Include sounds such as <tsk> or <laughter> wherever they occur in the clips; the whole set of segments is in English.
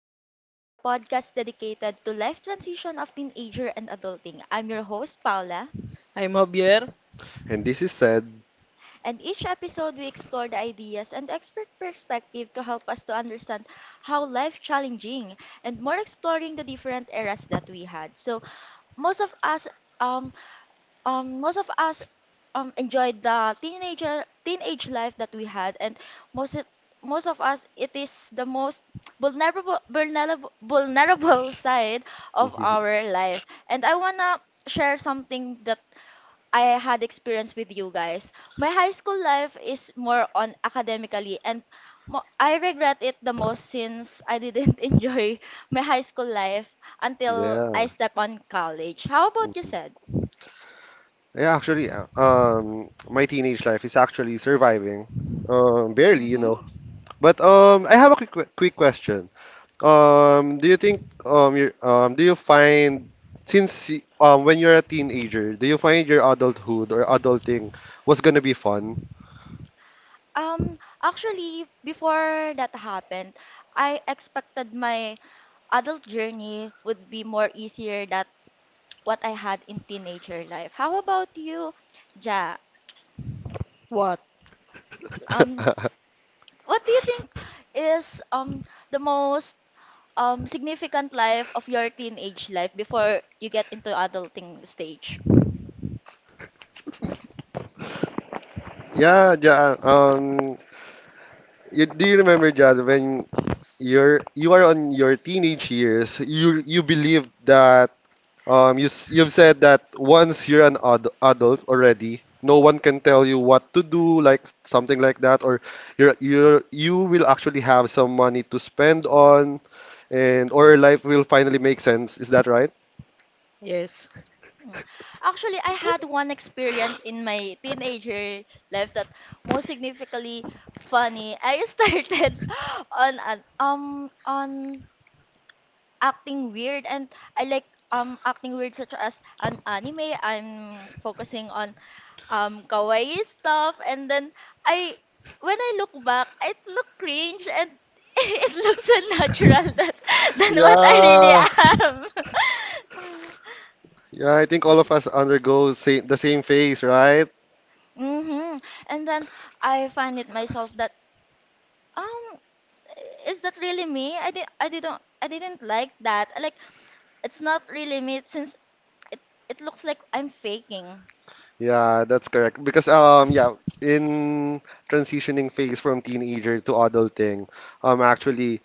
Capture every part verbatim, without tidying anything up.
Divas. We're a podcast dedicated to life transition of teenager and adulting. I'm your host Paula, I'm Javier. And this is sad. and each episode we explore the ideas and expert perspective to help us to understand how life challenging and more exploring the different eras that we had. So most of us um um most of us um enjoyed the teenager teenage life that we had, and most it, most of us, it is the most vulnerable vulnerable vulnerable <laughs> side of our life, and I wanna share something that I had experience with you guys. My high school life is more on academically, and mo- I regret it the most, since I didn't <laughs> enjoy my high school life until I Yeah. step on college. How about you, said Yeah, actually, uh, um, my teenage life is actually surviving. Um, barely, you know. mm-hmm. But um, I have a quick quick question. Um, do you think um, you um, do you find since y- um, when you're a teenager, do you find your adulthood or adulting was gonna be fun? Um, actually, before that happened, I expected my adult journey would be more easier than what I had in teenager life. How about you, Ja? What? Um, <laughs> what do you think is um the most um significant life of your teenage life before you get into adulting stage? Yeah, yeah. Um, you, do you remember, Jad, when you're you are on your teenage years, you you believed that Um, you, s- you've said that once you're an ad adult already, no one can tell you what to do, like something like that, or you're, you're, you will actually have some money to spend on, and or life will finally make sense. Is that right? Yes. Mm. Actually, I had one experience in my teenager life that most significantly funny. I <laughs> started on an um on acting weird, and I like um acting weird, such as an anime. I'm focusing on um kawaii stuff, and then I when I look back, it look cringe and <laughs> it looks unnatural <laughs> than than what I really Yeah, am. <laughs> yeah. I think all of us undergo same, the same phase, right? Mm-hmm. And then I find it myself that, um is that really me? I did I didn't I didn't like that. Like, it's not really me, since it it looks like I'm faking. Yeah, that's correct. Because um, yeah, in transitioning phase from teenager to adulting, um, actually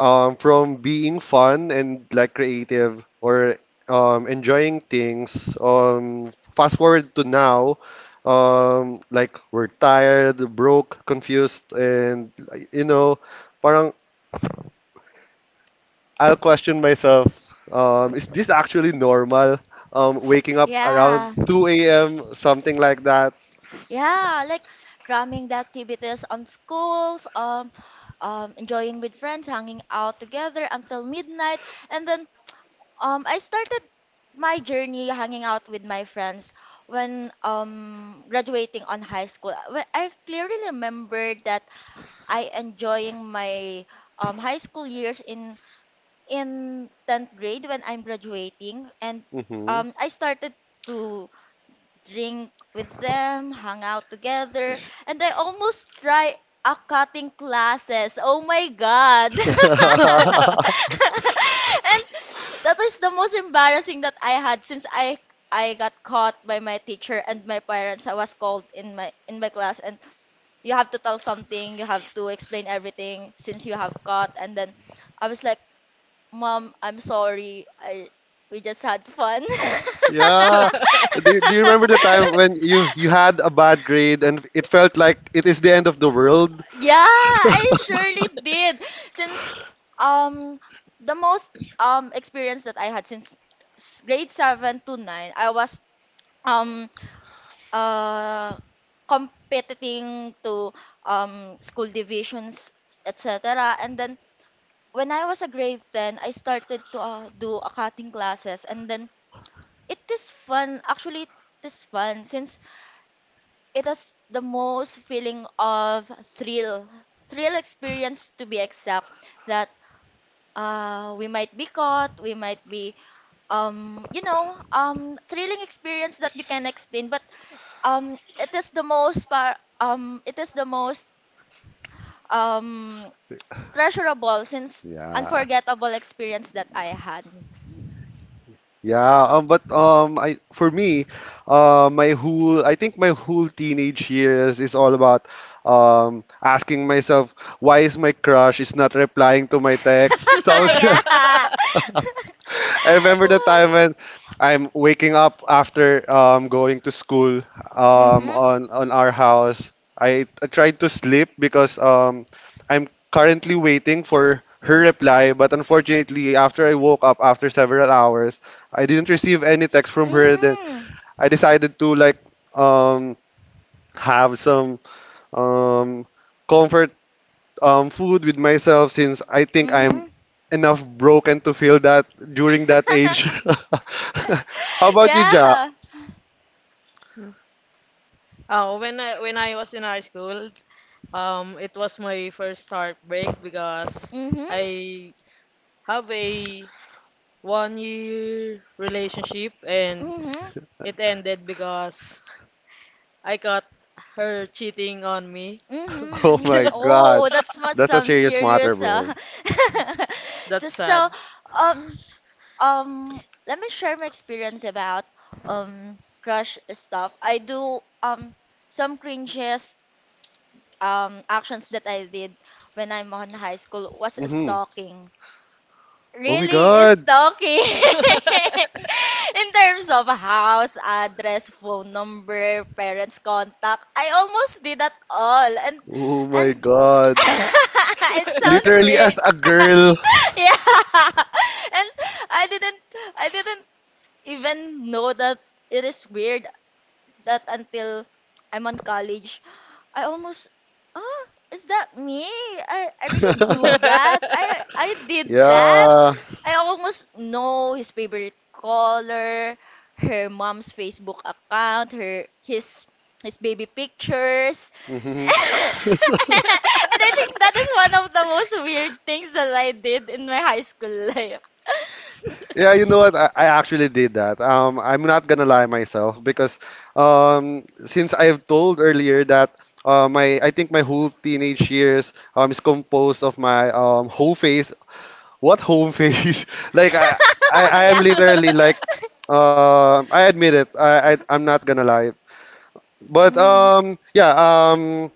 um, from being fun and like creative or um, enjoying things. Um, fast forward to now, um, like we're tired, broke, confused, and like, you know, parang I'll question myself. Um, is this actually normal? Um, waking up around Yeah. two a m, something like that. Yeah, like cramming the activities on schools, um, um, enjoying with friends, hanging out together until midnight, and then um, I started my journey hanging out with my friends when um, graduating on high school. Wh- I clearly remember that I enjoying my um, high school years in in tenth grade when I'm graduating, and Hmm. um, I started to drink with them, hung out together, and I almost try a cutting classes. Oh my god. <laughs> And <laughs> that is the most embarrassing that I had, since I I got caught by my teacher and my parents. I was called in my in my class, and you have to tell something, you have to explain everything, since you have caught, and then I was like, "Mom, I'm sorry. I we just had fun." Yeah. Do you, do you remember the time when you <laughs> you had a bad grade and it felt like it is the end of the world? Yeah, I <laughs> surely did. Since um the most um experience that I had, since s- grade seven to nine, I was um uh competing to um school divisions, et cetera. And then when I was a grade ten, I started to uh, do accounting classes, and then it is fun. Actually, it is fun since it is the most feeling of thrill, thrill, experience to be exact, that uh, we might be caught, we might be, um, you know, um, thrilling experience that you can explain, but um, it is the most par um, it is the most um, treasurable, since Yeah. unforgettable experience that I had. Yeah, um, but um, I for me, uh, my whole I think my whole teenage years is all about um asking myself why is my crush is not replying to my text? So <laughs> <laughs> Yeah. <laughs> I remember the time when I'm waking up after um, going to school um, Mm-hmm. on on our house. I, I tried to sleep because um, I'm currently waiting for her reply, but unfortunately, after I woke up after several hours, I didn't receive any text from her. Then Mm-hmm. I decided to like um, have some um, comfort um, food with myself since I think I'm Mm-hmm. enough broken to feel that during that age. <laughs> <laughs> How about you, Ja? Yeah. Mm. Uh, when I when I was in high school, um, it was my first heartbreak because Mhm. I have a one year relationship and Mhm. it ended because <laughs> I caught her cheating on me. Mhm. <laughs> Oh my Mhm. God, Oh, that's must that's a some serious matter, serious. bro. Uh. <laughs> That's Just sad. so um um let me share my experience about um crush stuff. I do um some cringes um actions that I did when I'm on high school was Hmm. stalking. Oh my Really is God. talking <laughs> in terms of house, address, phone number, parents' contact. I almost did that all. And Oh and my God. <laughs> it sounds Literally as weird. a girl. <laughs> Yeah. <laughs> And I didn't I didn't even know that it is weird, that until I'm on college, I almost, ah, is that me? I, I really <laughs> do that. <laughs> I I did that. Yeah. I almost know his favorite color, her mom's Facebook account, her his his baby pictures. <laughs> Hmm. <laughs> And I think that is one of the most weird things that I did in my high school life. <laughs> Yeah, you know what? I, I actually did that. Um, I'm not gonna lie myself because um, since I've told earlier that uh, my I think my whole teenage years um, is composed of my um, whole face. What whole face? <laughs> Like I, I, I am Yeah. literally like um, I admit it. I, I I'm not gonna lie. But Mm-hmm. um yeah, um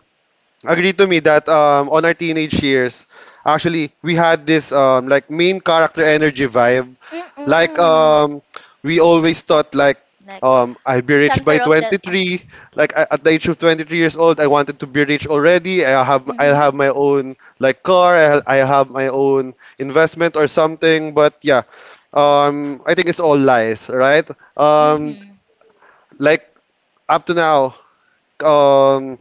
agree to me that um on our teenage years, actually we had this um like main character energy vibe. Like Mm-mm. um we always thought like Like. um I'll be rich by Center of the um. twenty three. Like a- at the age of twenty three years old, I wanted to be rich already. I have I'll Mhm. have my own like car, I'll, I have my own investment or something, but yeah. Um I think it's all lies, right? Um Mhm. like up to now, um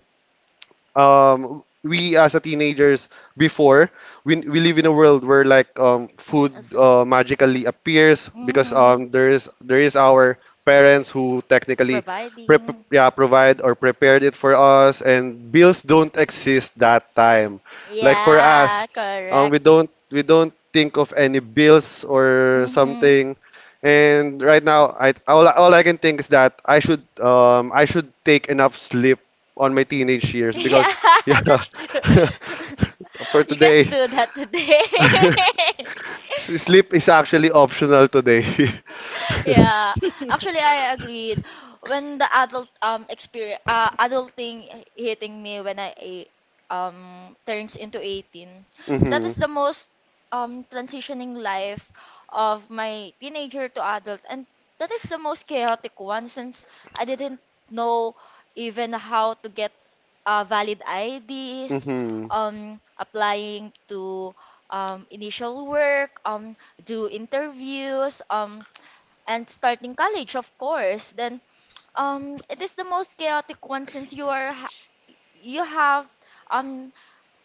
um we as a teenagers before we, we live in a world where like um food Mm. as- uh, uh, magically appears because Mhm. um there is there is our parents who technically prep Providing. yeah provide or prepared it for us, and bills don't exist that time like for us. Yeah, um correct. We don't we don't think of any bills or Mhm. something, and right now I all, all I can think is that I should um I should take enough sleep on my teenage <laughs> years, Yeah, because yeah. that's true. <laughs> <laughs> For You can't today, do that today. <laughs> s- <laughs> sleep is actually optional today. <laughs> Yeah, actually, I agreed. When the adult um experience, uh, adulting hitting me when I a- um turns into eighteen, that Hmm. is the most um transitioning life of my teenager to adult, and that is the most chaotic one, since I didn't know even how to get, uh, valid I Ds, Hmm. um applying to um initial work, um do interviews, um and starting college, of course. Then um, it is the most chaotic one, since you are ha- you have, um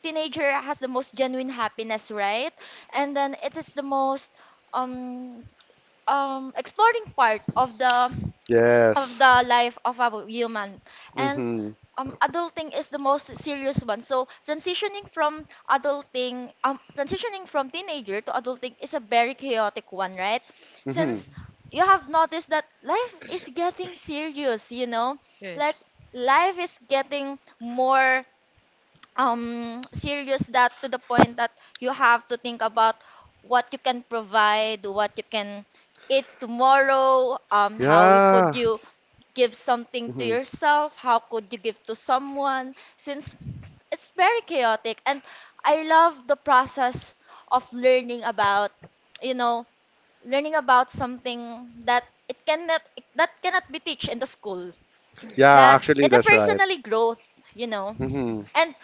teenager has the most genuine happiness, right? And then it is the most um um exploring part of the of Yes. the life of a human, and Hmm. um, adulting is the most serious one. So transitioning from adulting um, transitioning from teenager to adulting is a very chaotic one, right? Hmm. Since you have noticed that life is getting serious you know like Yes. life is getting more um serious, that to the point that you have to think about what you can provide, what you can eat tomorrow. Um how you- could Yeah. you give something to Hmm. yourself? How could you give to someone? Since it's very chaotic. And I love the process of learning about, you know, learning about something that it cannot that cannot be taught in the school. Yeah, That actually, it's a that's right. personally growth, you know. Hmm. And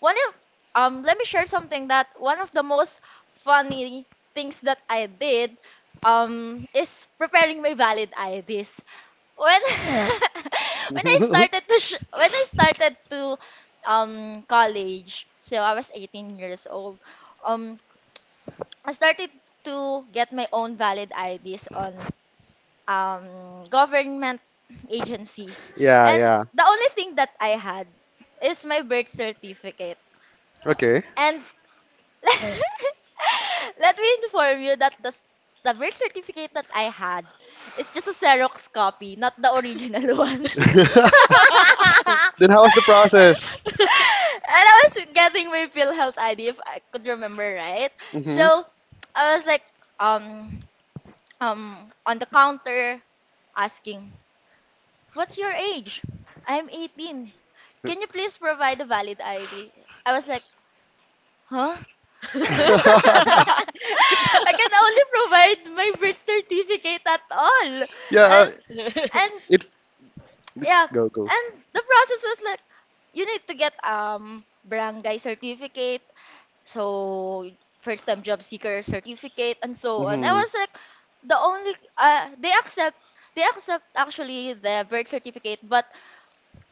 one of um let me share something, that one of the most funny things that I did um is preparing my valid I Ds. When <laughs> when I started <laughs> to sh- when I started to um college, so I was eighteen years old. Um I started to get my own valid I Ds on um government agencies. Yeah. And Yeah. the only thing that I had is my birth certificate. Okay. And <laughs> Let me inform you that the, s- the birth certificate that I had is just a Xerox copy, not the original <laughs> one. And <laughs> Then how was the process? I was getting my PhilHealth I D, if I could remember right. Hmm. So I was like, um, um, on the counter, asking, "What's your age?" I'm eighteen. Can you please <laughs> provide a valid I D? I was like, huh? <laughs> <laughs> I can only provide my birth certificate at all. Yeah, uh, And and it yeah, go, go. and the process was like, you need to get um barangay certificate, so first time job seeker certificate, and so on. I Hmm. was like, the only, uh, they accept they accept actually the birth certificate, but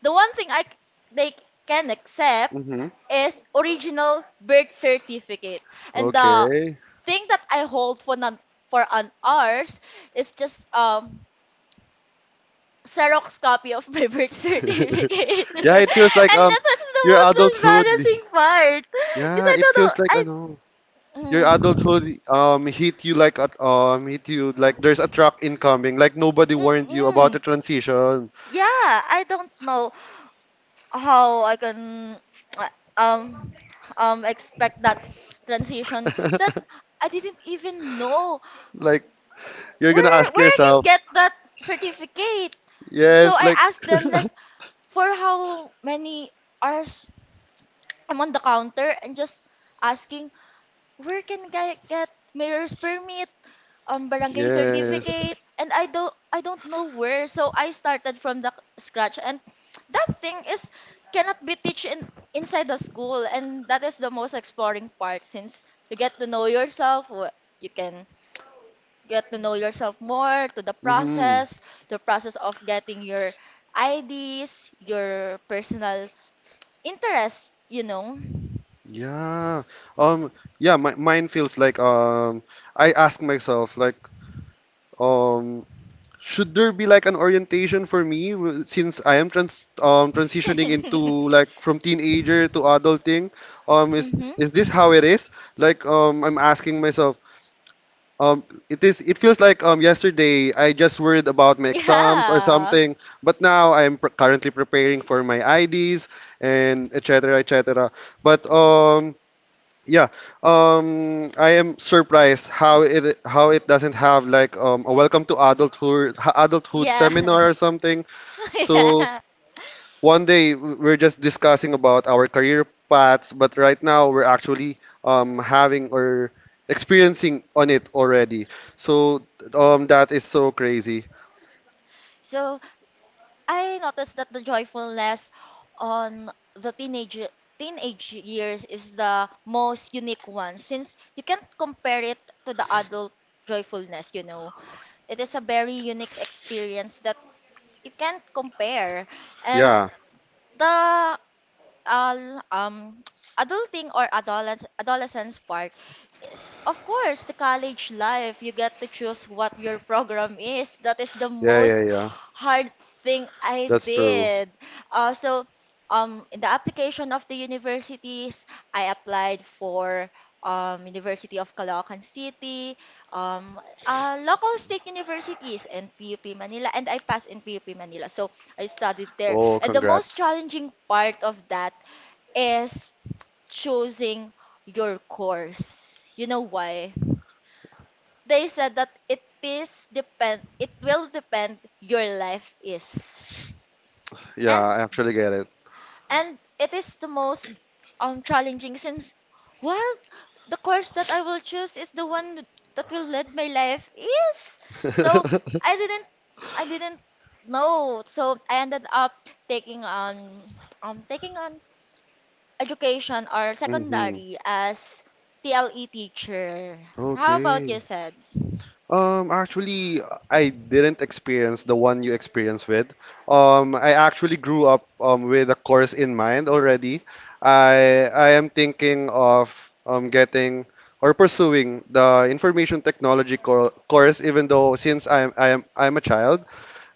the one thing I c- they can accept Hmm. is original birth certificate. And the Okay. thing that I hold for an, for an hours is just um Xerox copy of my <laughs> birth certificate. <laughs> <laughs> Yeah, it feels like And um that was your the most adulthood. embarrassing part. Because Yeah, I it don't know. feels like I ano. Your adult mm, clothes um hit you like at um hit you like there's a truck incoming, like nobody mm, warned you about the mm. transition. Yeah, I don't know how I can uh, um um expect that transition, that <laughs> I didn't even know Like you're gonna where ask where I can yourself, get that certificate. So yes, I like asked them, like, <laughs> for how many hours I'm on the counter and just asking, where can I get mayor's permit, um barangay certificate, yes. and I don't I don't know where. So I started from the scratch, and that thing is cannot be teach in inside the school, and that is the most exploring part, since you get to know yourself, wh- you can get to know yourself more, to the Mm-hmm. process, the process of getting your I Ds, your personal interest, you know. Yeah. Um yeah, my, mine feels like um I ask myself, like, um should there be like an orientation for me, w- since I am trans um <laughs> transitioning into, like, from teenager to adulting? Um, is is Mm-hmm. this how it is? Like um, I'm asking myself. Um, it is. It feels like um yesterday I just worried about my exams or Yeah. something, but now I'm pr currently preparing for my I Ds and et cetera et cetera. But um, yeah, um, I am surprised how it how it doesn't have like um, a welcome to adulthood ha- adulthood Yeah. seminar or something. <laughs> So Yeah. one day w- we're just discussing about our career paths, but right now we're actually um, having or experiencing on it already. So um, that is so crazy. So I noticed that the joyfulness on the teenage teenage years is the most unique one, since you can't compare it to the adult joyfulness, you know. It is a very unique experience that you can't compare. And Yeah, the uh, um adulting or adolescence adolescence part is, of course, the college life. You get to choose what your program is. That is the yeah, yeah, most yeah. hard thing I That's true. did. Uh, so um in the application of the universities, I applied for um, University of Caloocan City, um, uh, local state universities, and P U P Manila, and I passed in P U P Manila. So I studied there. Oh, And the most congrats. challenging part of that is choosing your course. You know why? They said that it is depend it will depend your life is. Yeah, And I actually get it. and it is the most um challenging, since, well, the course that I will choose is the one that will lead my life is. So I <laughs> didn't I didn't know. So I ended up taking on um taking on education or Mm-hmm. secondary as T L E teacher. How about you, Okay. said? Um, actually, I didn't experience the one you experienced with. Um, I actually grew up um, with a course in mind already. I I am thinking of um, getting or pursuing the information technology co course, even though since I'm I am I'm a child,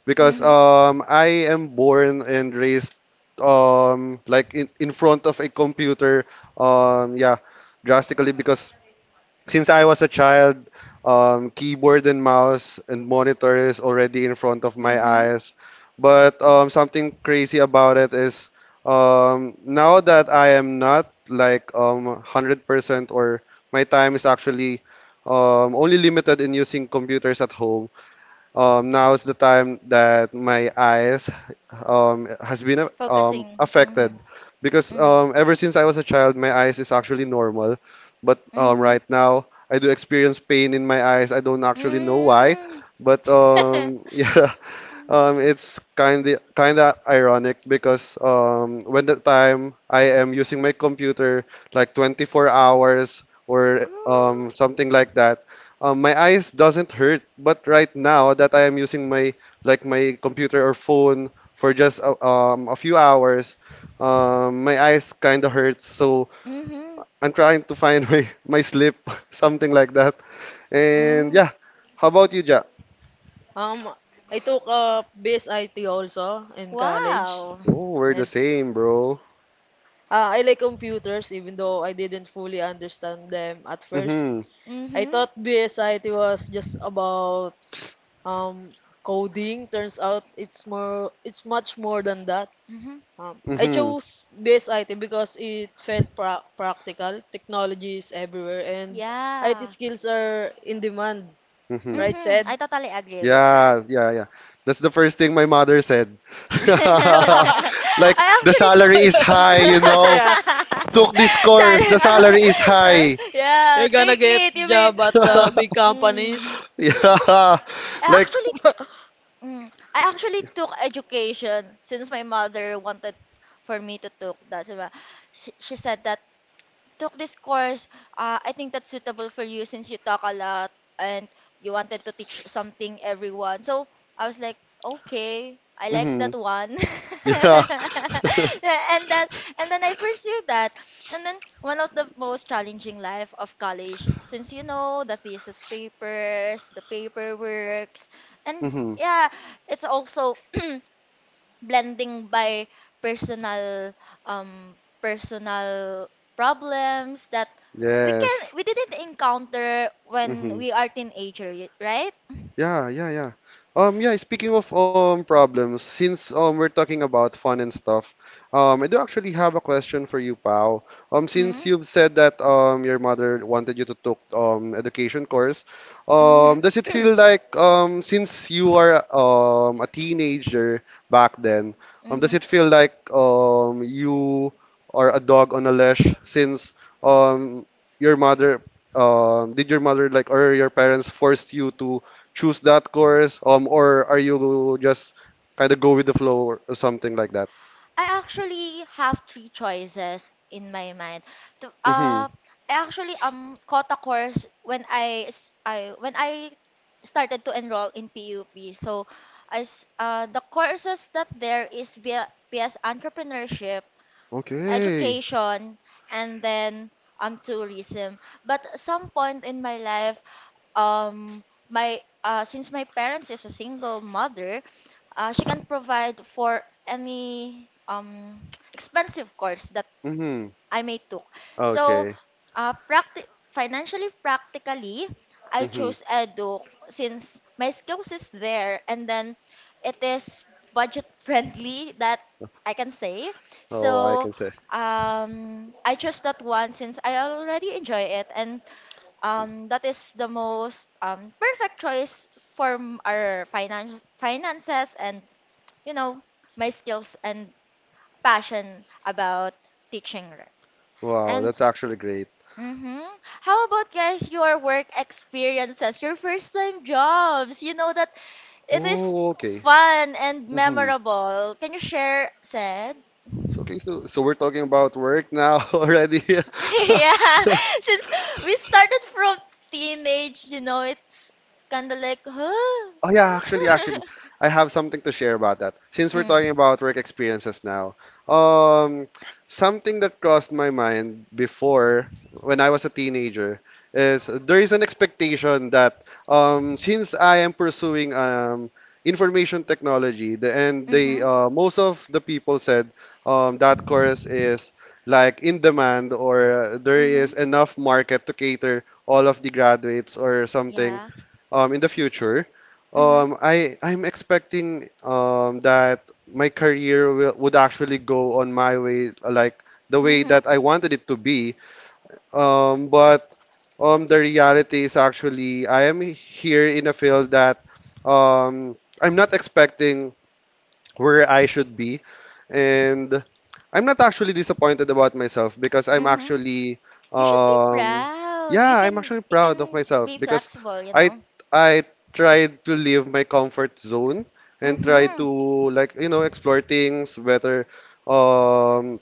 because Mm-hmm. um I am born and raised um like in, in front of a computer, um yeah, drastically, because since I was a child, um keyboard and mouse and monitor is already in front of my Mm-hmm. eyes. But um something crazy about it is um now that I am not like um one hundred percent, or my time is actually um only limited in using computers at home. um, now is the time that my eyes um, has been uh, um, Focusing. Mm-hmm. affected, because Mm-hmm. um, ever since I was a child, my eyes is actually normal, but um, Mm-hmm. right now I do experience pain in my eyes. I don't actually know why, Mm. but um, <laughs> <laughs> yeah, um, it's kind of kind of ironic, because um, when the time I am using my computer like twenty four hours or um, Grow. something like that, um, my eyes doesn't hurt. But right now that I am using my like my computer or phone for just a, um, a few hours, um, my eyes kind of hurts. So Mm-hmm. I'm trying to find <laughs> my my sleep, <laughs> something like that. And Mm. yeah, how about you, Jack? Um, I took a B S I T also in college, Wow. Oh, we're the and same, bro. Uh, I like computers even though I didn't fully understand them at first. Mm-hmm. I Mm-hmm. thought B S I T was just about um, coding. Turns out it's more it's much more than that. Mm-hmm. Um, I Mhm. chose B S I T because it felt pra practical. Technology is everywhere and I T Yeah. skills are in demand, Mhm. right, Mm-hmm. I said? totally agree with that. Yeah, yeah, yeah. That's the first thing my mother said. <laughs> <laughs> <laughs> Like, I the actually took. salary is high, you know. Yeah, Took this <laughs> course, the Sorry. salary is high. <laughs> Yeah, you're gonna take get it. You may job at the um big <laughs> mm. companies. Yeah. I Like, actually, <laughs> mm, I actually took education since my mother wanted for me to took that. Diba? She she said that, took this course, uh, I think that's suitable for you since you talk a lot and you wanted to teach something everyone. So I was like, okay, I like that mhm. one. <laughs> and Yeah. that and then I pursued that. And then one of the most challenging life of college, since you know the thesis papers, the paperworks, <laughs> and Mhm. yeah, it's also <clears throat> blending by personal um personal problems that we can Yes. we didn't encounter when Mhm. we are teenager, y- right? Yeah, yeah, yeah. Um, yeah, speaking of um problems, since um we're talking about fun and stuff, um I do actually have a question for you, Pao. Um, since Mm-hmm. you've said that um your mother wanted you to took um education course, um does it Mm-hmm. feel <clears throat> like um since you are um a teenager back then, um does mm-hmm. it feel like um you are a dog on a leash, since um your mother um did your mother, like, or your parents forced you to choose that course, um, or are you just kind of go with the flow or or something like that? I actually have three choices in my mind. To, Mm-hmm. uh, I actually um caught a course when I s- I when I started to enroll in P U P. So, as uh, the courses that there is via P S entrepreneurship Okay. education, and then um tourism. But at some point in my life, um my uh, since my parents is a single mother, uh, she can provide for any um <tsk> expensive course that Mm-hmm. I may took. So, Okay. uh, practi- financially practically, I Mm-hmm. chose Edu since my skills is there and then it is budget <laughs> friendly that I can say. Oh, I So, can say. um, I chose that one since I already enjoy it and um, that is the most um, perfect choice for m- our finance finances and you know my skills and passion about teaching. Wow, And that's actually great. mm-hmm. How about guys your work experiences, your first time jobs? You know that it is Oh, okay. fun and Mm-hmm. memorable. Can you share, said? So, okay, so so we're talking about work now <laughs> already. <laughs> <laughs> Yeah, since we started from teenage, you know, it's kind of like, huh? Oh yeah, actually, <laughs> actually, I have something to share about that. Since we're mm, talking about work experiences now, um, something that crossed my mind before when I was a teenager is there is an expectation that, um, since I am pursuing um, information technology, the, and they, mm-hmm, uh, most of the people said um, that course is like in demand, or uh, there mm-hmm, is enough market to cater all of the graduates or something, yeah, um, in the future, mm-hmm, um, I I'm expecting um, that my career will, would actually go on my way, like the way mm-hmm. that I wanted it to be. Um, but um, the reality is actually I am here in a field that, um, I'm not expecting where I should be. And I'm not actually disappointed about myself, because I'm Mm-hmm. actually You should be um proud. You yeah, I'm can actually you proud of can myself, be because flexible, you I know. I tried to leave my comfort zone and try Mm-hmm. to, like, you know explore things better, um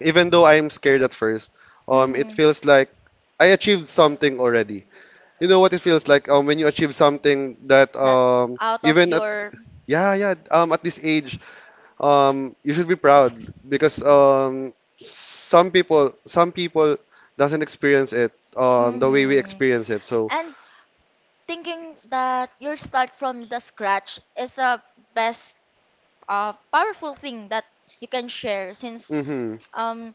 even though I'm scared at first. um it Mm-hmm. feels like I achieved something already. You know what it feels like um when you achieve something that, that um out of even at your yeah yeah um at this age, um you should be proud, because um some people some people doesn't experience it um the way we hmm. experience it, so. And thinking that your start from the scratch is a best uh, powerful thing that you can share since Mm-hmm. um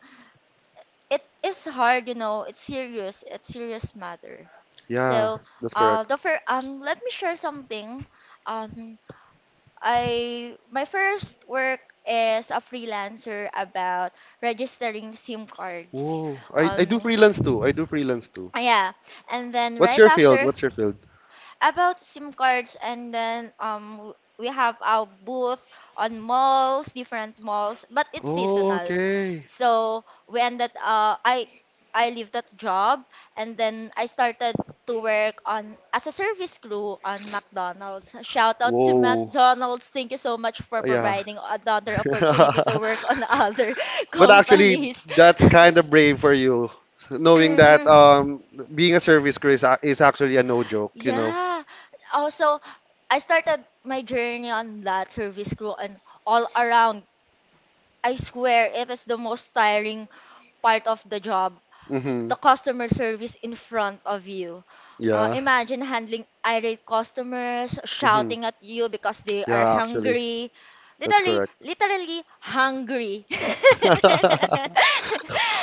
it is hard, you know, it's serious, it's serious matter. Yeah, So that's uh correct. the fir- um let me share something. um I my first work is a freelancer about registering SIM cards. Whoa, I, I do um freelance too i do freelance too. yeah, and then what's right your field after What's your field? about SIM cards. And then um w- we have our booth on malls, different malls, but it's Oh, seasonal. okay. So we ended uh I I leave that job and then I started to work on as a service crew on McDonald's. Shout out to Whoa. McDonald's. Thank you so much for Yeah. providing another <laughs> opportunity to work on other <laughs> But actually, companies. that's kind of brave for you, <laughs> knowing that, Hmm, um, being a service crew is, a- is actually a no joke, you know? yeah. Also, I started my journey on that service crew and all around. I swear it is the most tiring part of the job, Hmm. the customer service in front of you. Uh, Yeah. imagine handling irate customers Hmm. shouting at you because they are Yeah, actually, hungry. that's Literally, correct. literally hungry. <laughs> and <laughs>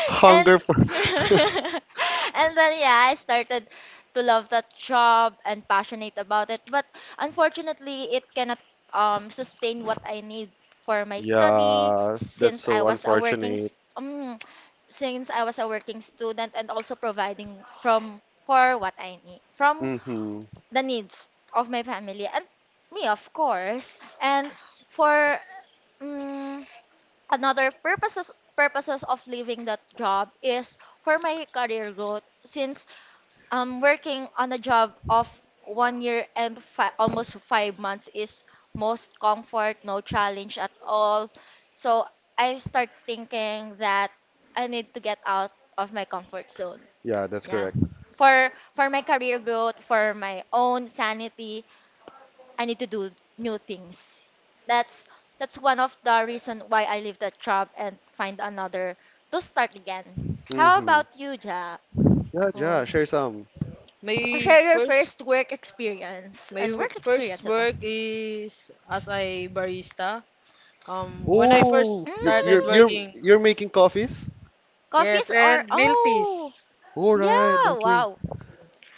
Hunger for. <laughs> <laughs> and then yeah, I started to love that job and passionate about it. But unfortunately, it cannot um sustain what I need for my study Yeah, that's since I so was a working unfortunate. s- um since I was a working student and also providing from for what I need from Hmm. the needs of my family and me of course. And for mm another purposes purposes of leaving that job is for my career growth since um, working on a job of one year and fi- almost five months is most comfort, no challenge at all. So I start thinking that I need to get out of my comfort zone. Yeah, that's Yeah. correct. For for my career growth, for my own sanity, I need to do new things. That's that's one of the reason why I leave that job and find another to start again. How Hmm. about you, Ja? Yeah, yeah, Um, share some. my Share your first first work experience. My And w- work first experience ito. work is as a barista. Um, when I Oh, first you're you're started Mm, you're, working, you're making coffees? yes, coffees and or... milk teas. Oh! All right, Ah. Yeah! okay. Wow!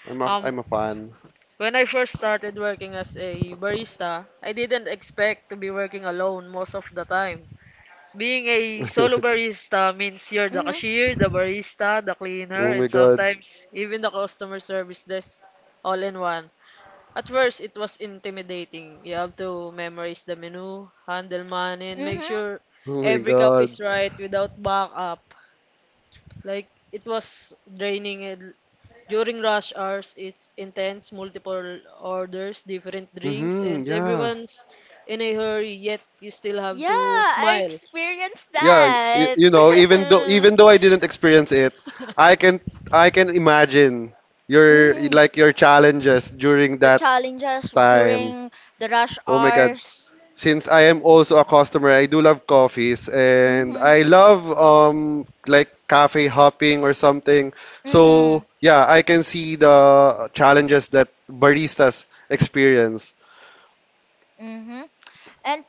I'm a Um, I'm a fan. When I first started working as a barista, I didn't expect to be working alone most of the time. Being a solo <laughs> barista means you're the Mm-hmm. cashier, the barista, the cleaner, Oh my and God. sometimes even the customer service desk all in one. At first, it was intimidating. You have to memorize the menu, handle money, and make Mm-hmm. sure Oh my every cup God. is right without backup. Like, it was draining. And during rush hours, it's intense, multiple orders, different drinks, Mm-hmm. and Yeah. everyone's in a hurry, yet you still have Yeah! to I smile. experienced Yeah. You, that! you know, even though <laughs> even though I didn't experience it, I can I can imagine your mm-hmm. like your challenges during The that challenges time. during the rush Oh my God. hours. Since I am also a customer, I do love coffees and Mm-hmm. I love um like cafe hopping or something. So Mm-hmm. yeah, I can see the challenges that baristas experience. Mm-hmm. And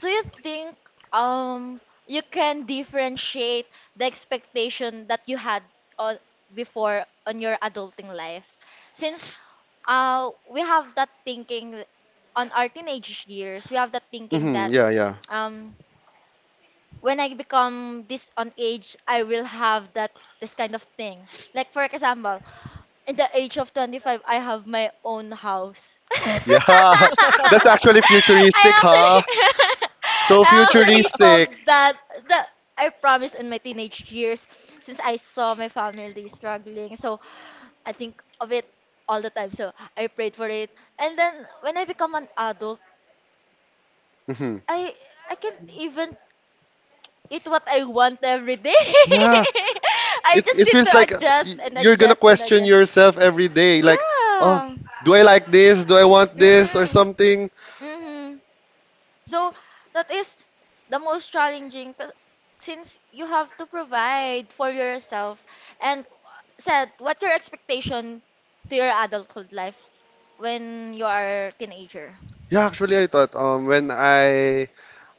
do you think um you can differentiate the expectation that you had on before on your adulting life since uh we have that thinking on our teenage years, we have that thinking Mm-hmm. that Yeah. Yeah. um when I become this on age I will have that this kind of thing, like for example at the age of twenty-five, I have my own house. <laughs> I Yeah, <laughs> that's actually futuristic, actually huh? <laughs> So I actually told futuristic. that that I promised in my teenage years since I saw my family struggling. So I think of it all the time. So I prayed for it. And then when I become an adult, Mhm. I I can't even eat what I want every day. <laughs> Yeah, I it just it need to feels like uh, adjust y- and you're gonna adjust and question adjust. yourself every day, like, oh, Yeah. do I like this? Do I want this or Mm-hmm. something? Mm-hmm. So that is the most challenging 'cause- since you have to provide for yourself and said what your expectation to your adulthood life when you are a teenager. Yeah, actually, I thought um when I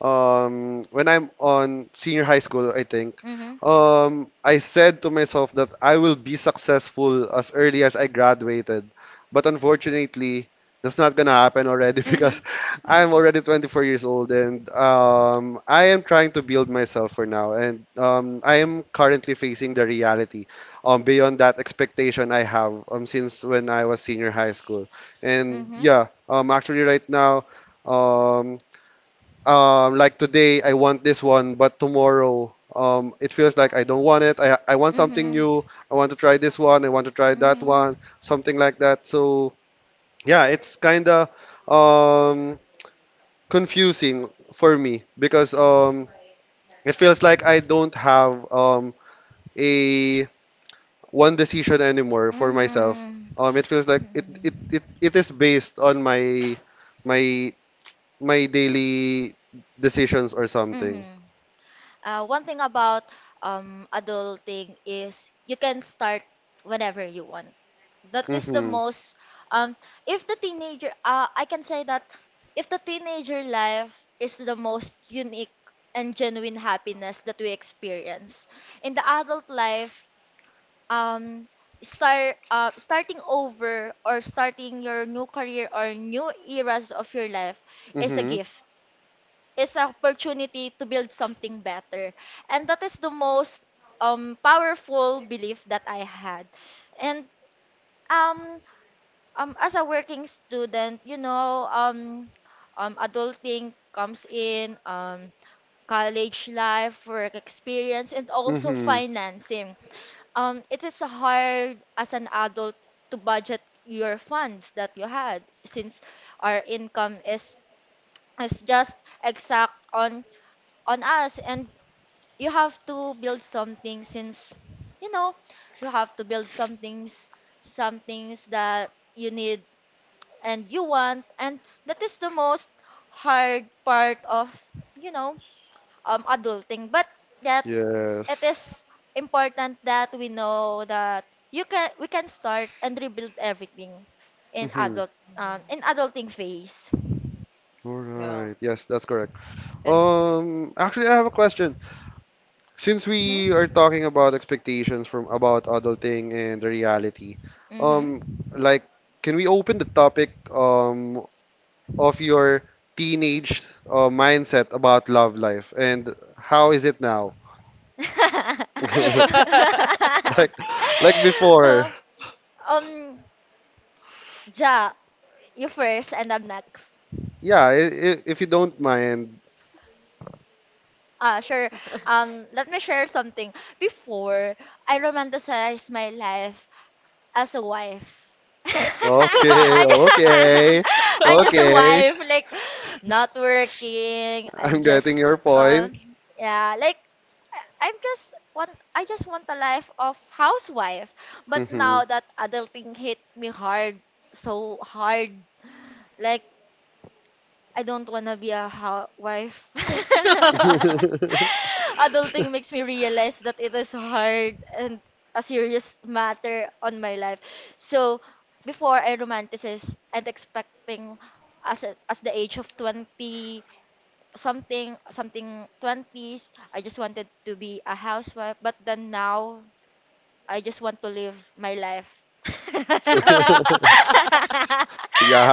um when I'm on senior high school, I think Mm-hmm. um I said to myself that I will be successful as early as I graduated, but unfortunately, that's not gonna happen already <laughs> Mm-hmm. because I'm already twenty-four years old and um I am trying to build myself for now and um I am currently facing the reality um beyond that expectation I have um since when I was senior high school. And Mm-hmm. yeah, um, actually right now, um, um, like today I want this one, but tomorrow, um, it feels like I don't want it. I I want something Mm-hmm. new. I want to try this one. I want to try that Mm-hmm. one. Something like that. So yeah, it's kind of um confusing for me because um it feels like I don't have um a one decision anymore for myself. Mm-hmm. Um, it feels like it it Mm-hmm. it, it is based on my my my daily decisions or something. Mm-hmm. Uh, one thing about um, adulting is you can start whenever you want. That is the Mm-hmm. most. Um, if the teenager, uh, I can say that if the teenager life is the most unique and genuine happiness that we experience, in the adult life, um, start uh, starting over or starting your new career or new eras of your life is a Mm-hmm. gift, is an opportunity to build something better. And that is the most um, powerful belief that I had. And um, um, as a working student, you know, um, um, adulting comes in, um, college life, work experience, and also Mm-hmm. financing. Um, it is hard as an adult to budget your funds that you had since our income is is just exact on on us. And you have to build something since you know you have to build some things some things that you need and you want. And that is the most hard part of you know um adulting, but yet it Yes. is important that we know that you can we can start and rebuild everything in Mhm. adult um, in adulting phase. All Yeah. right. Yes, that's correct. And, Um, actually, I have a question. Since we Hmm, are talking about expectations from about adulting and the reality, um, hmm. like, can we open the topic um of your teenage uh, mindset about love life and how is it now? <laughs> <laughs> Like, like before. <laughs> um Ja, you first and I'm next. Yeah, i- i- if you don't mind, Ah, sure. Um, let me share something. Before, I romanticized my life as a wife. <laughs> okay, I'm just, <laughs> okay, I'm just a okay. wife, like not working. I'm I'm just, getting your point. um, yeah, like I- I'm just want I just want a life of housewife. But Hmm. now that adulting hit me hard, so hard. Like I don't wanna be a hou- wife. <laughs> Adulting makes me realize that it is hard and a serious matter on my life. So before I romanticize and expecting as a, as the age of twenty something something twenties, I just wanted to be a housewife but then now I just want to live my life. <laughs>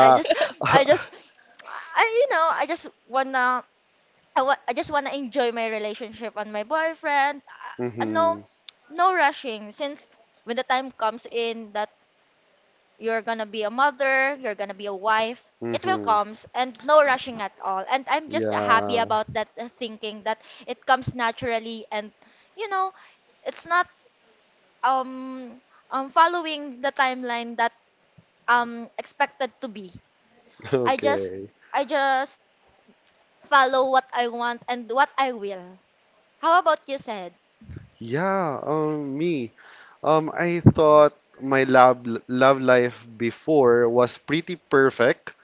I just I just I you know I just wanna I, wa- I just want to enjoy my relationship and my boyfriend. Uh, and no, Hmm. no rushing. Since when the time comes in that you're gonna be a mother, you're gonna be a wife, it will Hmm. comes and no rushing at all. And I'm just happy Yeah. about that uh, thinking that it comes naturally and you know, it's not um um following the timeline that um expected to be. I just Okay. I just follow what I want and what I will. How about you, said? Yeah. Um, me. Um, I thought my love love life before was pretty perfect,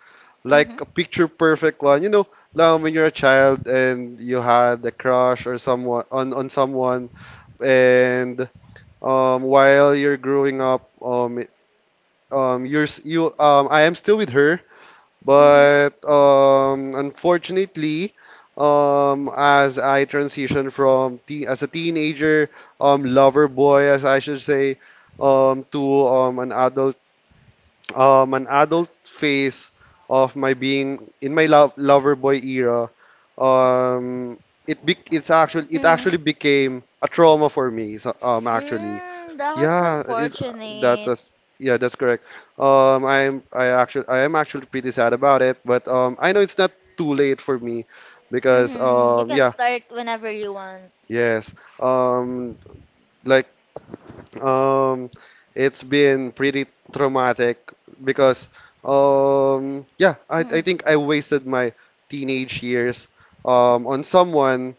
like Mhm. a picture perfect one. You know, like when you're a child and you had a crush or someone on on someone, and um, while you're growing up, um, um, you're s- you um, I am still with her, Mhm. but um, unfortunately, um, as I transition from te as a teenager, um, lover boy, as I should say, um, to um, an adult, um, an adult phase of my being in my love lover boy era, um, it be it's actually it actually Mhm. became a trauma for me. So, um, actually, Mm, that's yeah, it, that unfortunate. was yeah, that's correct. Um, I'm I actually I am actually pretty sad about it, but um, I know it's not too late for me because Mhm. You um, can yeah, start whenever you want. yes, um, like um, it's been pretty traumatic because um, yeah, I I Mhm. think I wasted my teenage years um on someone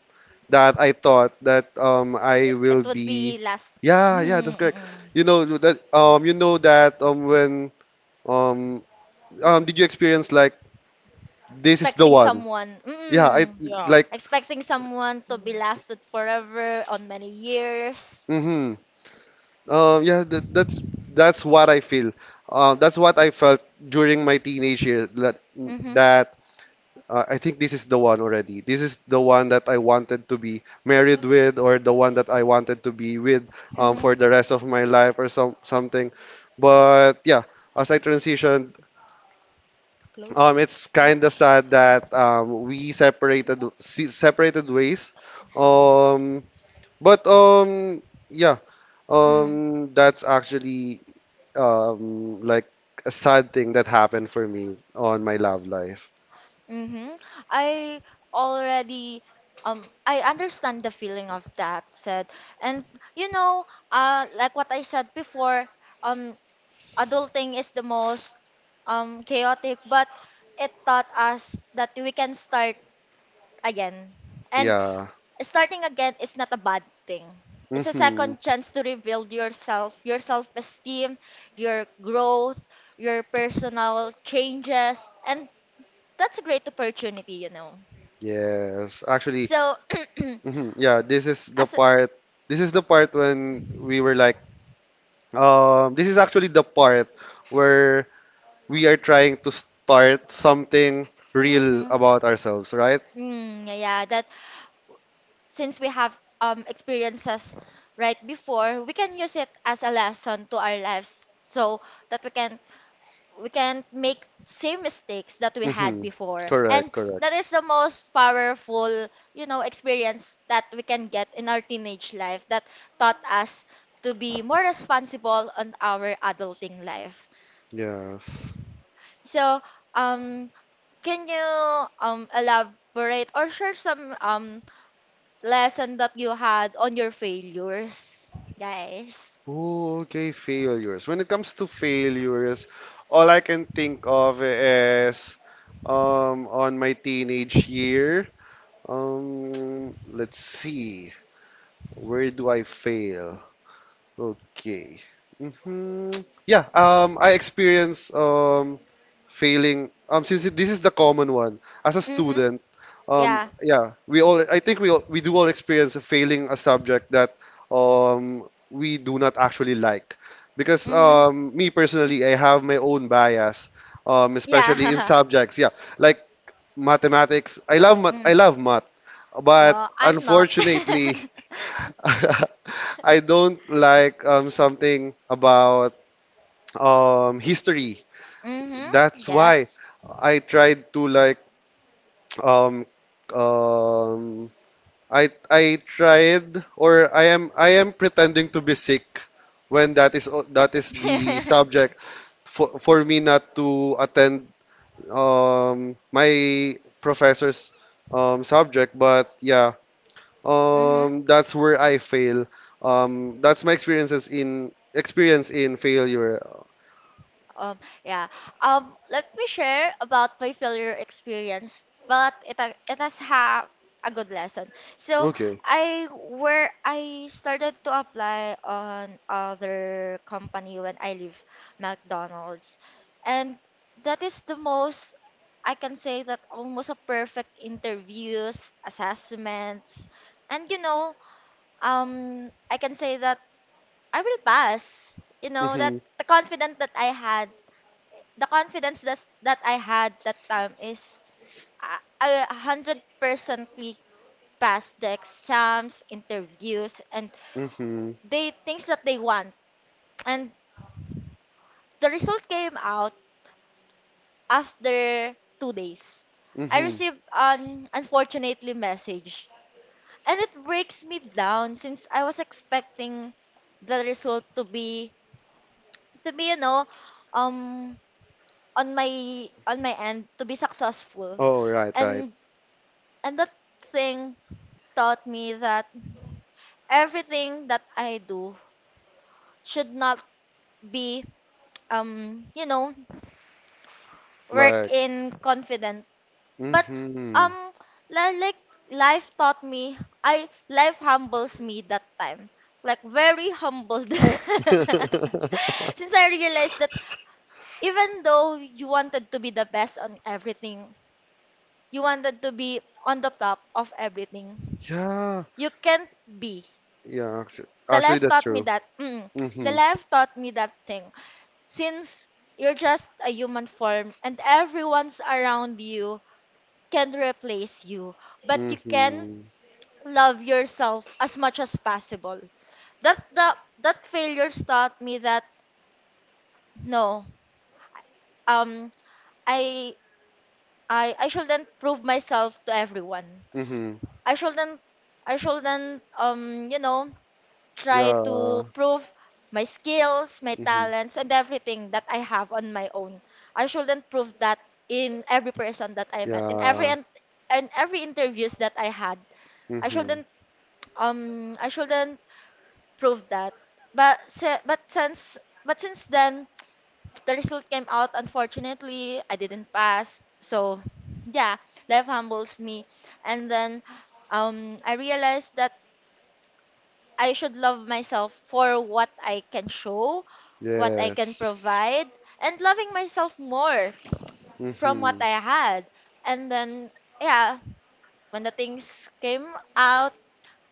that I thought that um I It, it will would be be last. yeah yeah Mhm, that's correct mhm. you know that um you know that um when um um did you experience like this is the Expecting one someone. yeah I Mhm. yeah. like Expecting someone to be Mm. lasted forever on many years. mm-hmm um yeah that, that's that's what I feel um that's what I felt during my teenage years that Mhm. that uh, I think this is the one already. This is the one that I wanted to be married with, or the one that I wanted to be with um, Mhm. for the rest of my life, or some something. But yeah, as I transitioned, Close. um, it's Ano? kind of sad that um, we Ano separated pa? se- separated ways. Um, but um, yeah, Mhm. um, that's actually um, like a sad thing that happened for me on my love life. Mm-hmm. I already um I understand the feeling of that said. And you know, uh like what I said before, um adulting is the most um chaotic, but it taught us that we can start again. And Yeah. starting again is not a bad thing. It's a Mm-hmm. second chance to rebuild yourself, your self-esteem, your growth, your personal changes, and that's a great opportunity, you know. Yes, actually, So, <clears throat> mhm, yeah, this is the as part. This is the part when we were like, um, this is actually the part where we are trying to start something real mm-hmm. about ourselves, right? Mm, yeah, yeah, that since we have um experiences right before, we can use it as a lesson to our lives so that we can we can make same mistakes that we had Hmm. before. And Correct, correct. that is the most powerful, you know, experience that we can get in our teenage life that taught us to be more responsible on our adulting life. Yes. So, um, can you um elaborate or share some um lesson that you had on your failures, guys? Oh, okay, failures. When it comes to failures, all I can think of is um on my teenage year. Um, let's see. Where do I fail? Okay. Hmm. Yeah, um, I experience um, failing. Um, since it- this is the common one as a Mm-hmm. student, um, Yeah. yeah, we all. I think we all, we do all experience failing a subject that um, we do not actually like, because Mm-hmm. um, me personally, I have my own bias, um, especially in Yeah. subjects. Yeah, like mathematics. I love <laughs> math. mm. I love math, but Oh, I'm not. unfortunately. <laughs> <laughs> I don't like um, something about um, history. mm-hmm. That's why Yes. I tried to like um, um, I I tried or I am I am pretending to be sick when that is o- that is the <laughs> subject for for me not to attend um, my professor's um, subject. But yeah, mm-hmm. um, that's where I fail. Um, that's my experiences in experience in failure. Um, yeah. Um, let me share about my failure experience, but it ha- it has ha a good lesson. So Okay. I where I started to apply on other company when I leave McDonald's, and that is the most I can say that almost a perfect interviews, assessments, and you know, um, I can say that I will pass. You know that Mhm. the confidence that I had the confidence that's, that I had that time is uh, a hundred percently passed the exams, interviews, and Mhm. the things that they want. And the result came out after two days. I Mhm. received an unfortunately message, and it breaks me down since I was expecting the result to be to be you know um on my on my end to be successful, Oh, right, right. and and that thing taught me that everything that I do should not be um you know work Like. in confident. But Mhm. um li- like life taught me, I life humbles me that time, like very humbled <laughs> <laughs> since I realized that even though you wanted to be the best on everything, you wanted to be on the top of everything, Yeah. you can't be. Yeah. Actually, The actually, life that's taught me true. that, mm, the Mhm. life taught me that thing since you're just a human form and everyone's around you can replace you, but you can Mhm. love yourself as much as possible. That the, that failures taught me that, no um I I I shouldn't prove myself to everyone. Mhm. I shouldn't, I shouldn't um you know try to Yeah. prove my skills, my Hmm. talents, and everything that I have on my own. I shouldn't prove that in every person that I met, in every, Yeah. and in every interviews that I had. I Hmm. shouldn't, um I shouldn't prove that. But si- but since but since then the result came out, unfortunately I didn't pass. So yeah, life humbles me. And then um I realized that I should love myself for what I can show, what I can Yes. provide, and loving myself more from Hmm. what I had. And then, yeah, when the things came out,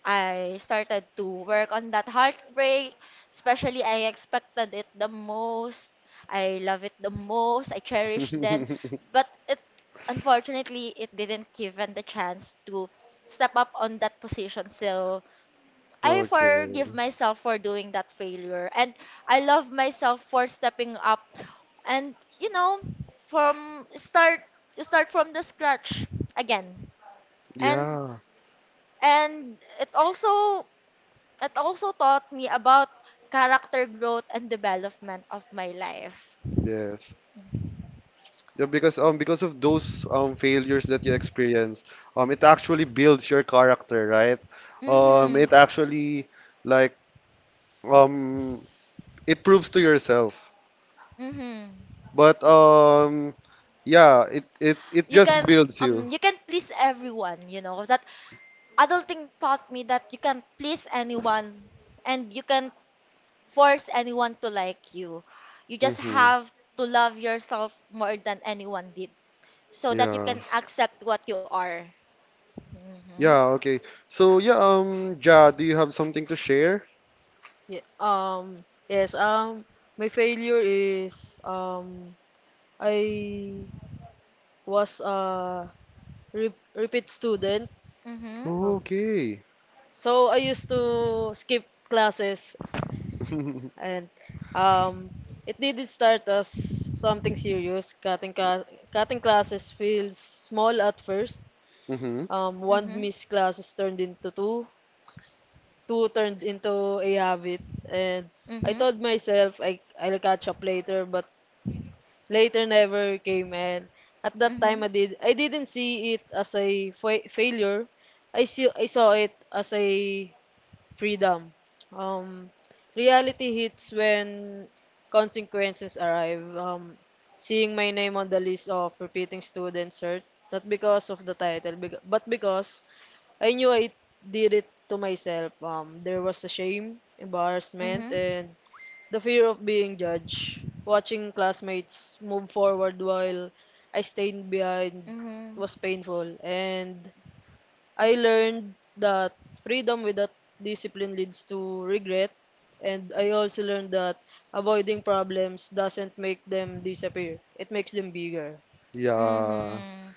I started to work on that heartbreak. Especially, I expected it the most. I love it the most. I cherish then. But it, unfortunately, it didn't given the chance to step up on that position. So, I forgive Okay. myself for doing that failure, and I love myself for stepping up and you know from start start from the scratch again. and Yeah, and it also, it also taught me about character growth and development of my life. yes. Yeah, because um because of those um failures that you experience, um it actually builds your character, right? Um it Mhm. actually like um it proves to yourself. Mhm. But um yeah, it it it You just can, builds you. um you can please everyone, you know, that adulting taught me that you can please anyone and you can force anyone to like you. You just Mm-hmm. have to love yourself more than anyone did so that you Yeah. can accept what you are. Mhm. Yeah, okay. So yeah, um, Ja, do you have something to share? Yeah, um, yes, um, my failure is, um, I was a re repeat student. Mhm. Um, Okay. so I used to skip classes, <laughs> and um, it didn't start as something serious. Cutting ca cutting classes feels small at first. Mm-hmm. Um, one Mhm. missed classes turned into two, two turned into a habit, and I Mhm. told myself I I'll catch up later, but later never came, and at that time Mhm. I did I didn't see it as a fa- failure. I see I saw it as a freedom. Um, reality hits when consequences arrive. Um, seeing my name on the list of repeating students hurt, not because of the title, bec- but because I knew I did it to myself. Um, there was a shame, embarrassment, Mhm. and the fear of being judged. Watching classmates move forward while I stayed behind Mhm. was painful, and I learned that freedom without discipline leads to regret, and I also learned that avoiding problems doesn't make them disappear. It makes them bigger. Yeah, Mhm.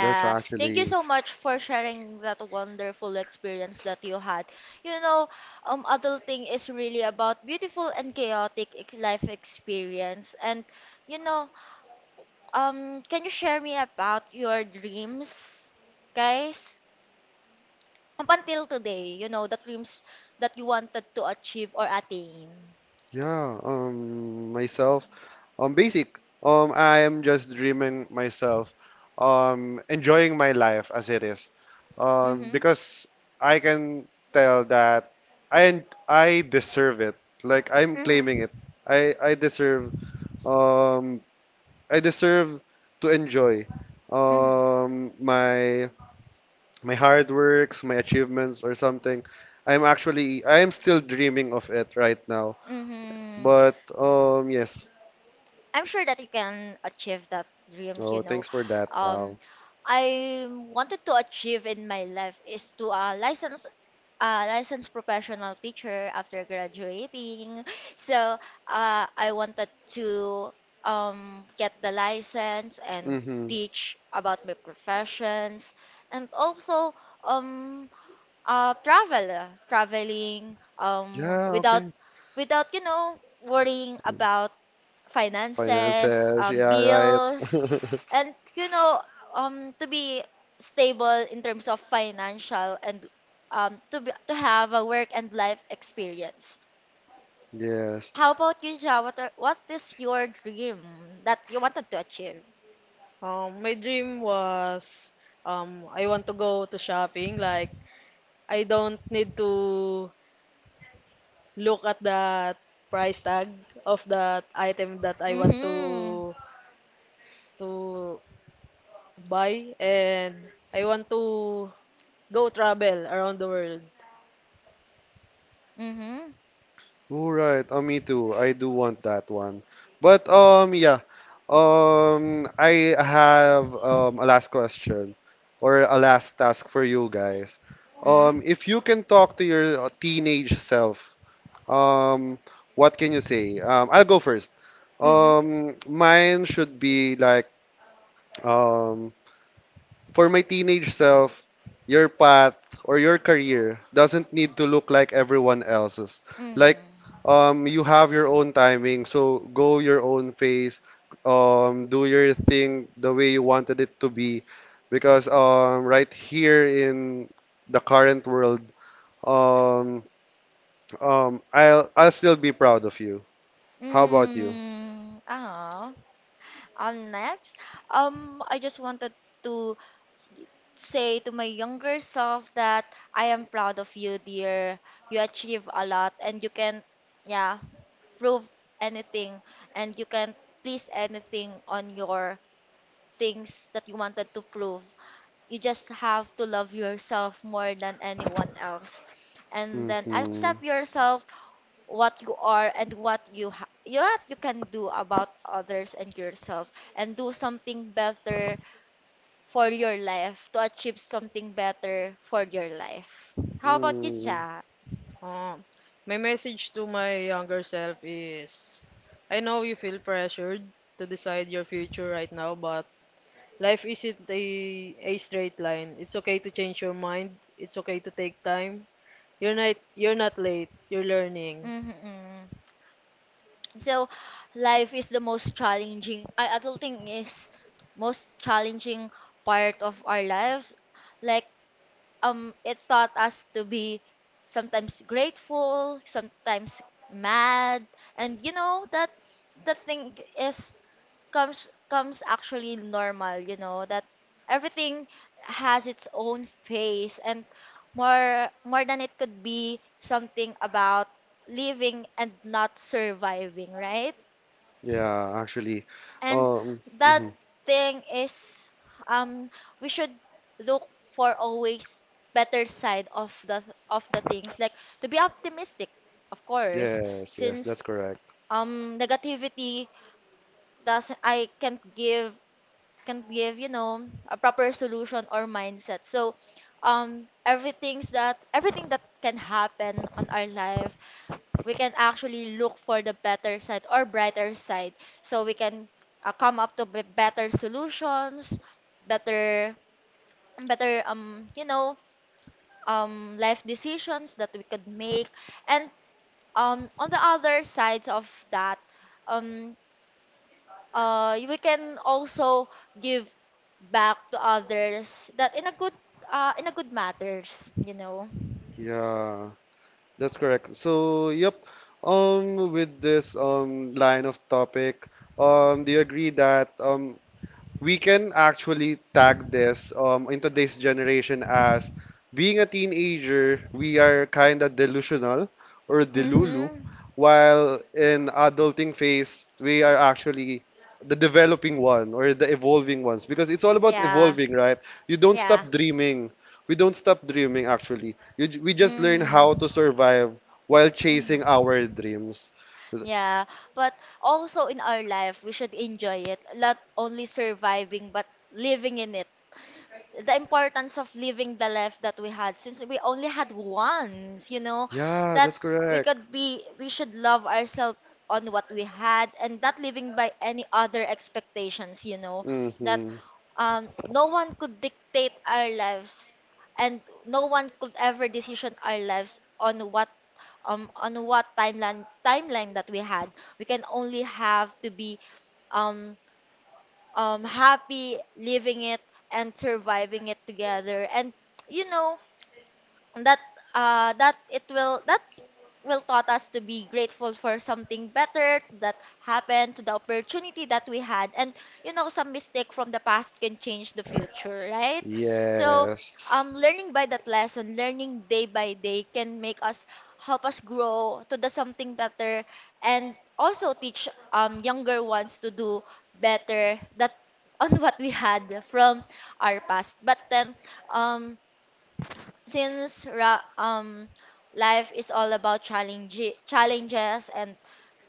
that's Thank you actually so much for sharing that wonderful experience that you had. You know, um adulting is really about beautiful and chaotic ex- life experience. And you know, um, can you share me about your dreams, guys? Up until today, you know, the dreams that you wanted to achieve or attain. yeah. Um, myself. Um, basic. Um, I am just dreaming myself. Um, enjoying my life as it is. Um, Mm-hmm. because I can tell that I I deserve it. Like I'm Mm-hmm. claiming it. I I deserve um I deserve to enjoy Mm-hmm. um my my hard works, my achievements or something. I'm actually I am still dreaming of it right now. Mm-hmm. But um yes. I'm sure that you can achieve that dreams, you Oh, know. thanks for that. Um, Wow. I wanted to achieve in my life is to uh, license a licensed professional teacher after graduating. <laughs> So uh, I wanted to um, get the license and Mhm. teach about my professions, and also um, uh travel, uh, traveling um Yeah, without, okay. without you know, worrying about finances, Finances, um, yeah, right. bills, <laughs> and you know, um to be stable in terms of financial, and um to be, to have a work and life experience. Yes. How about you, Ja? What are, what is your dream that you wanted to achieve? Um, my dream was, um, I want to go to shopping. Like I don't need to look at that price tag of that item that I want Mhm. to to buy, and I want to go travel around the world. Mhm. All right. Oh, me too. I do want that one. But um, yeah. Um, I have um a last question or a last task for you guys. Um, mhm. if you can talk to your uh, teenage self, um, what can you say? Um, I'll go first. Mhm. Um, mine should be like um. For my teenage self, your path or your career doesn't need to look like everyone else's. Like, Mhm. um, you have your own timing, so go your own pace, um, do your thing the way you wanted it to be. Because um, right here in the current world, um, um, I'll I'll still be proud of you. How about you? Mm, ah, I next. Um, I just wanted to s- say to my younger self that I am proud of you, dear. You achieve a lot and you can, yeah, prove anything, and you can please anything on your things that you wanted to prove. You just have to love yourself more than anyone else. And then Mm-hmm. accept yourself, what you are and what you ha- what you can do about others and yourself, and do something better for your life, to achieve something better for your life. How about you, Mm, Ja? Um, my message to my younger self is I know you feel pressured to decide your future right now, but life isn't a, a straight line. It's okay to change your mind. It's okay to take time. You're not you're not late. You're learning. Mm-hmm. So, life is the most challenging. I adulting is most challenging part of our lives. Like, um it taught us to be sometimes grateful, sometimes mad. And you know that the thing is, comes comes actually normal, you know, that everything has its own phase, and more more than it could be something about living and not surviving, right? yeah, actually. And Um, that mhm. thing is, um we should look for always better side of the, of the things, like to be optimistic, of course, Yes, yes, since that's correct. um negativity doesn't, I can't give, can't give, you know, a proper solution or mindset. So um everything's that everything that can happen on our life, we can actually look for the better side or brighter side, so we can uh, come up to b- better solutions, better, better, um you know um life decisions that we could make. And um on the other sides of that, um uh we can also give back to others that in a good, uh in a good matters, you know. Yeah, that's correct. So, yep. Um, with this um line of topic, um, do you agree that um we can actually tag this um in today's generation as being a teenager, we are kind of delusional or delulu, Mhm. while in adulting phase, we are actually the developing one or the evolving ones because it's all about Yeah, evolving, right? You don't yeah. stop dreaming. We don't stop dreaming actually. You, j- we just learn how Mm-hmm. to survive while Mm-hmm. chasing our dreams. Yeah, but also in our life, we should enjoy it, not only surviving, but living in it, the importance of living the life that we had, since we only had once, you know, Yeah, that that's we correct. could be, we should love ourselves on what we had and not living by any other expectations, you know, that Hmm. um no one could dictate our lives, and no one could ever decision our lives on what, um on what timeline, timeline that we had. We can only have to be, um um happy living it and surviving it together. And you know that, uh that it will, that will taught us to be grateful for something better that happened, to the opportunity that we had. And you know, some mistake from the past can change the future, right? So, Yes. um learning by that lesson, learning day by day can make us, help us grow to the something better, and also teach um younger ones to do better that, on <laughs> what we had from our past. But then, um since ra- um life is all about challenge, challenges, and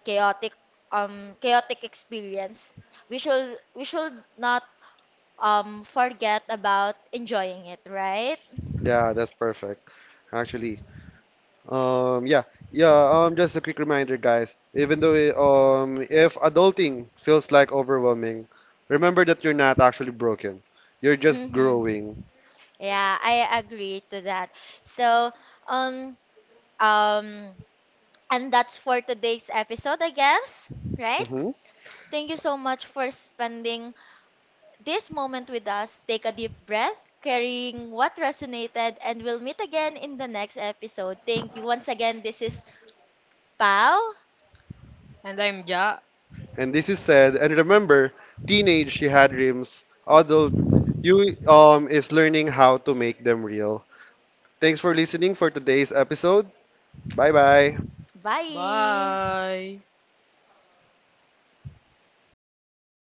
chaotic, um chaotic experience, we should, we should not um forget about enjoying it, right? Yeah, that's perfect. Actually, um, yeah, yeah. Um, just a quick reminder, guys. Even though, it- um, if adulting feels like overwhelming, remember that you're not actually broken. You're just Mm-hmm. growing. Yeah, I agree to that. So, um, um, and that's for today's episode, I guess, right? Hmm. Thank you so much for spending this moment with us. Take a deep breath, carrying what resonated, and we'll meet again in the next episode. Thank you once again. This is Pau. And I'm Ja. And this is said. And remember, teenage she had dreams. Adult you um is learning how to make them real. Thanks for listening for today's episode. Bye bye. Bye. Bye.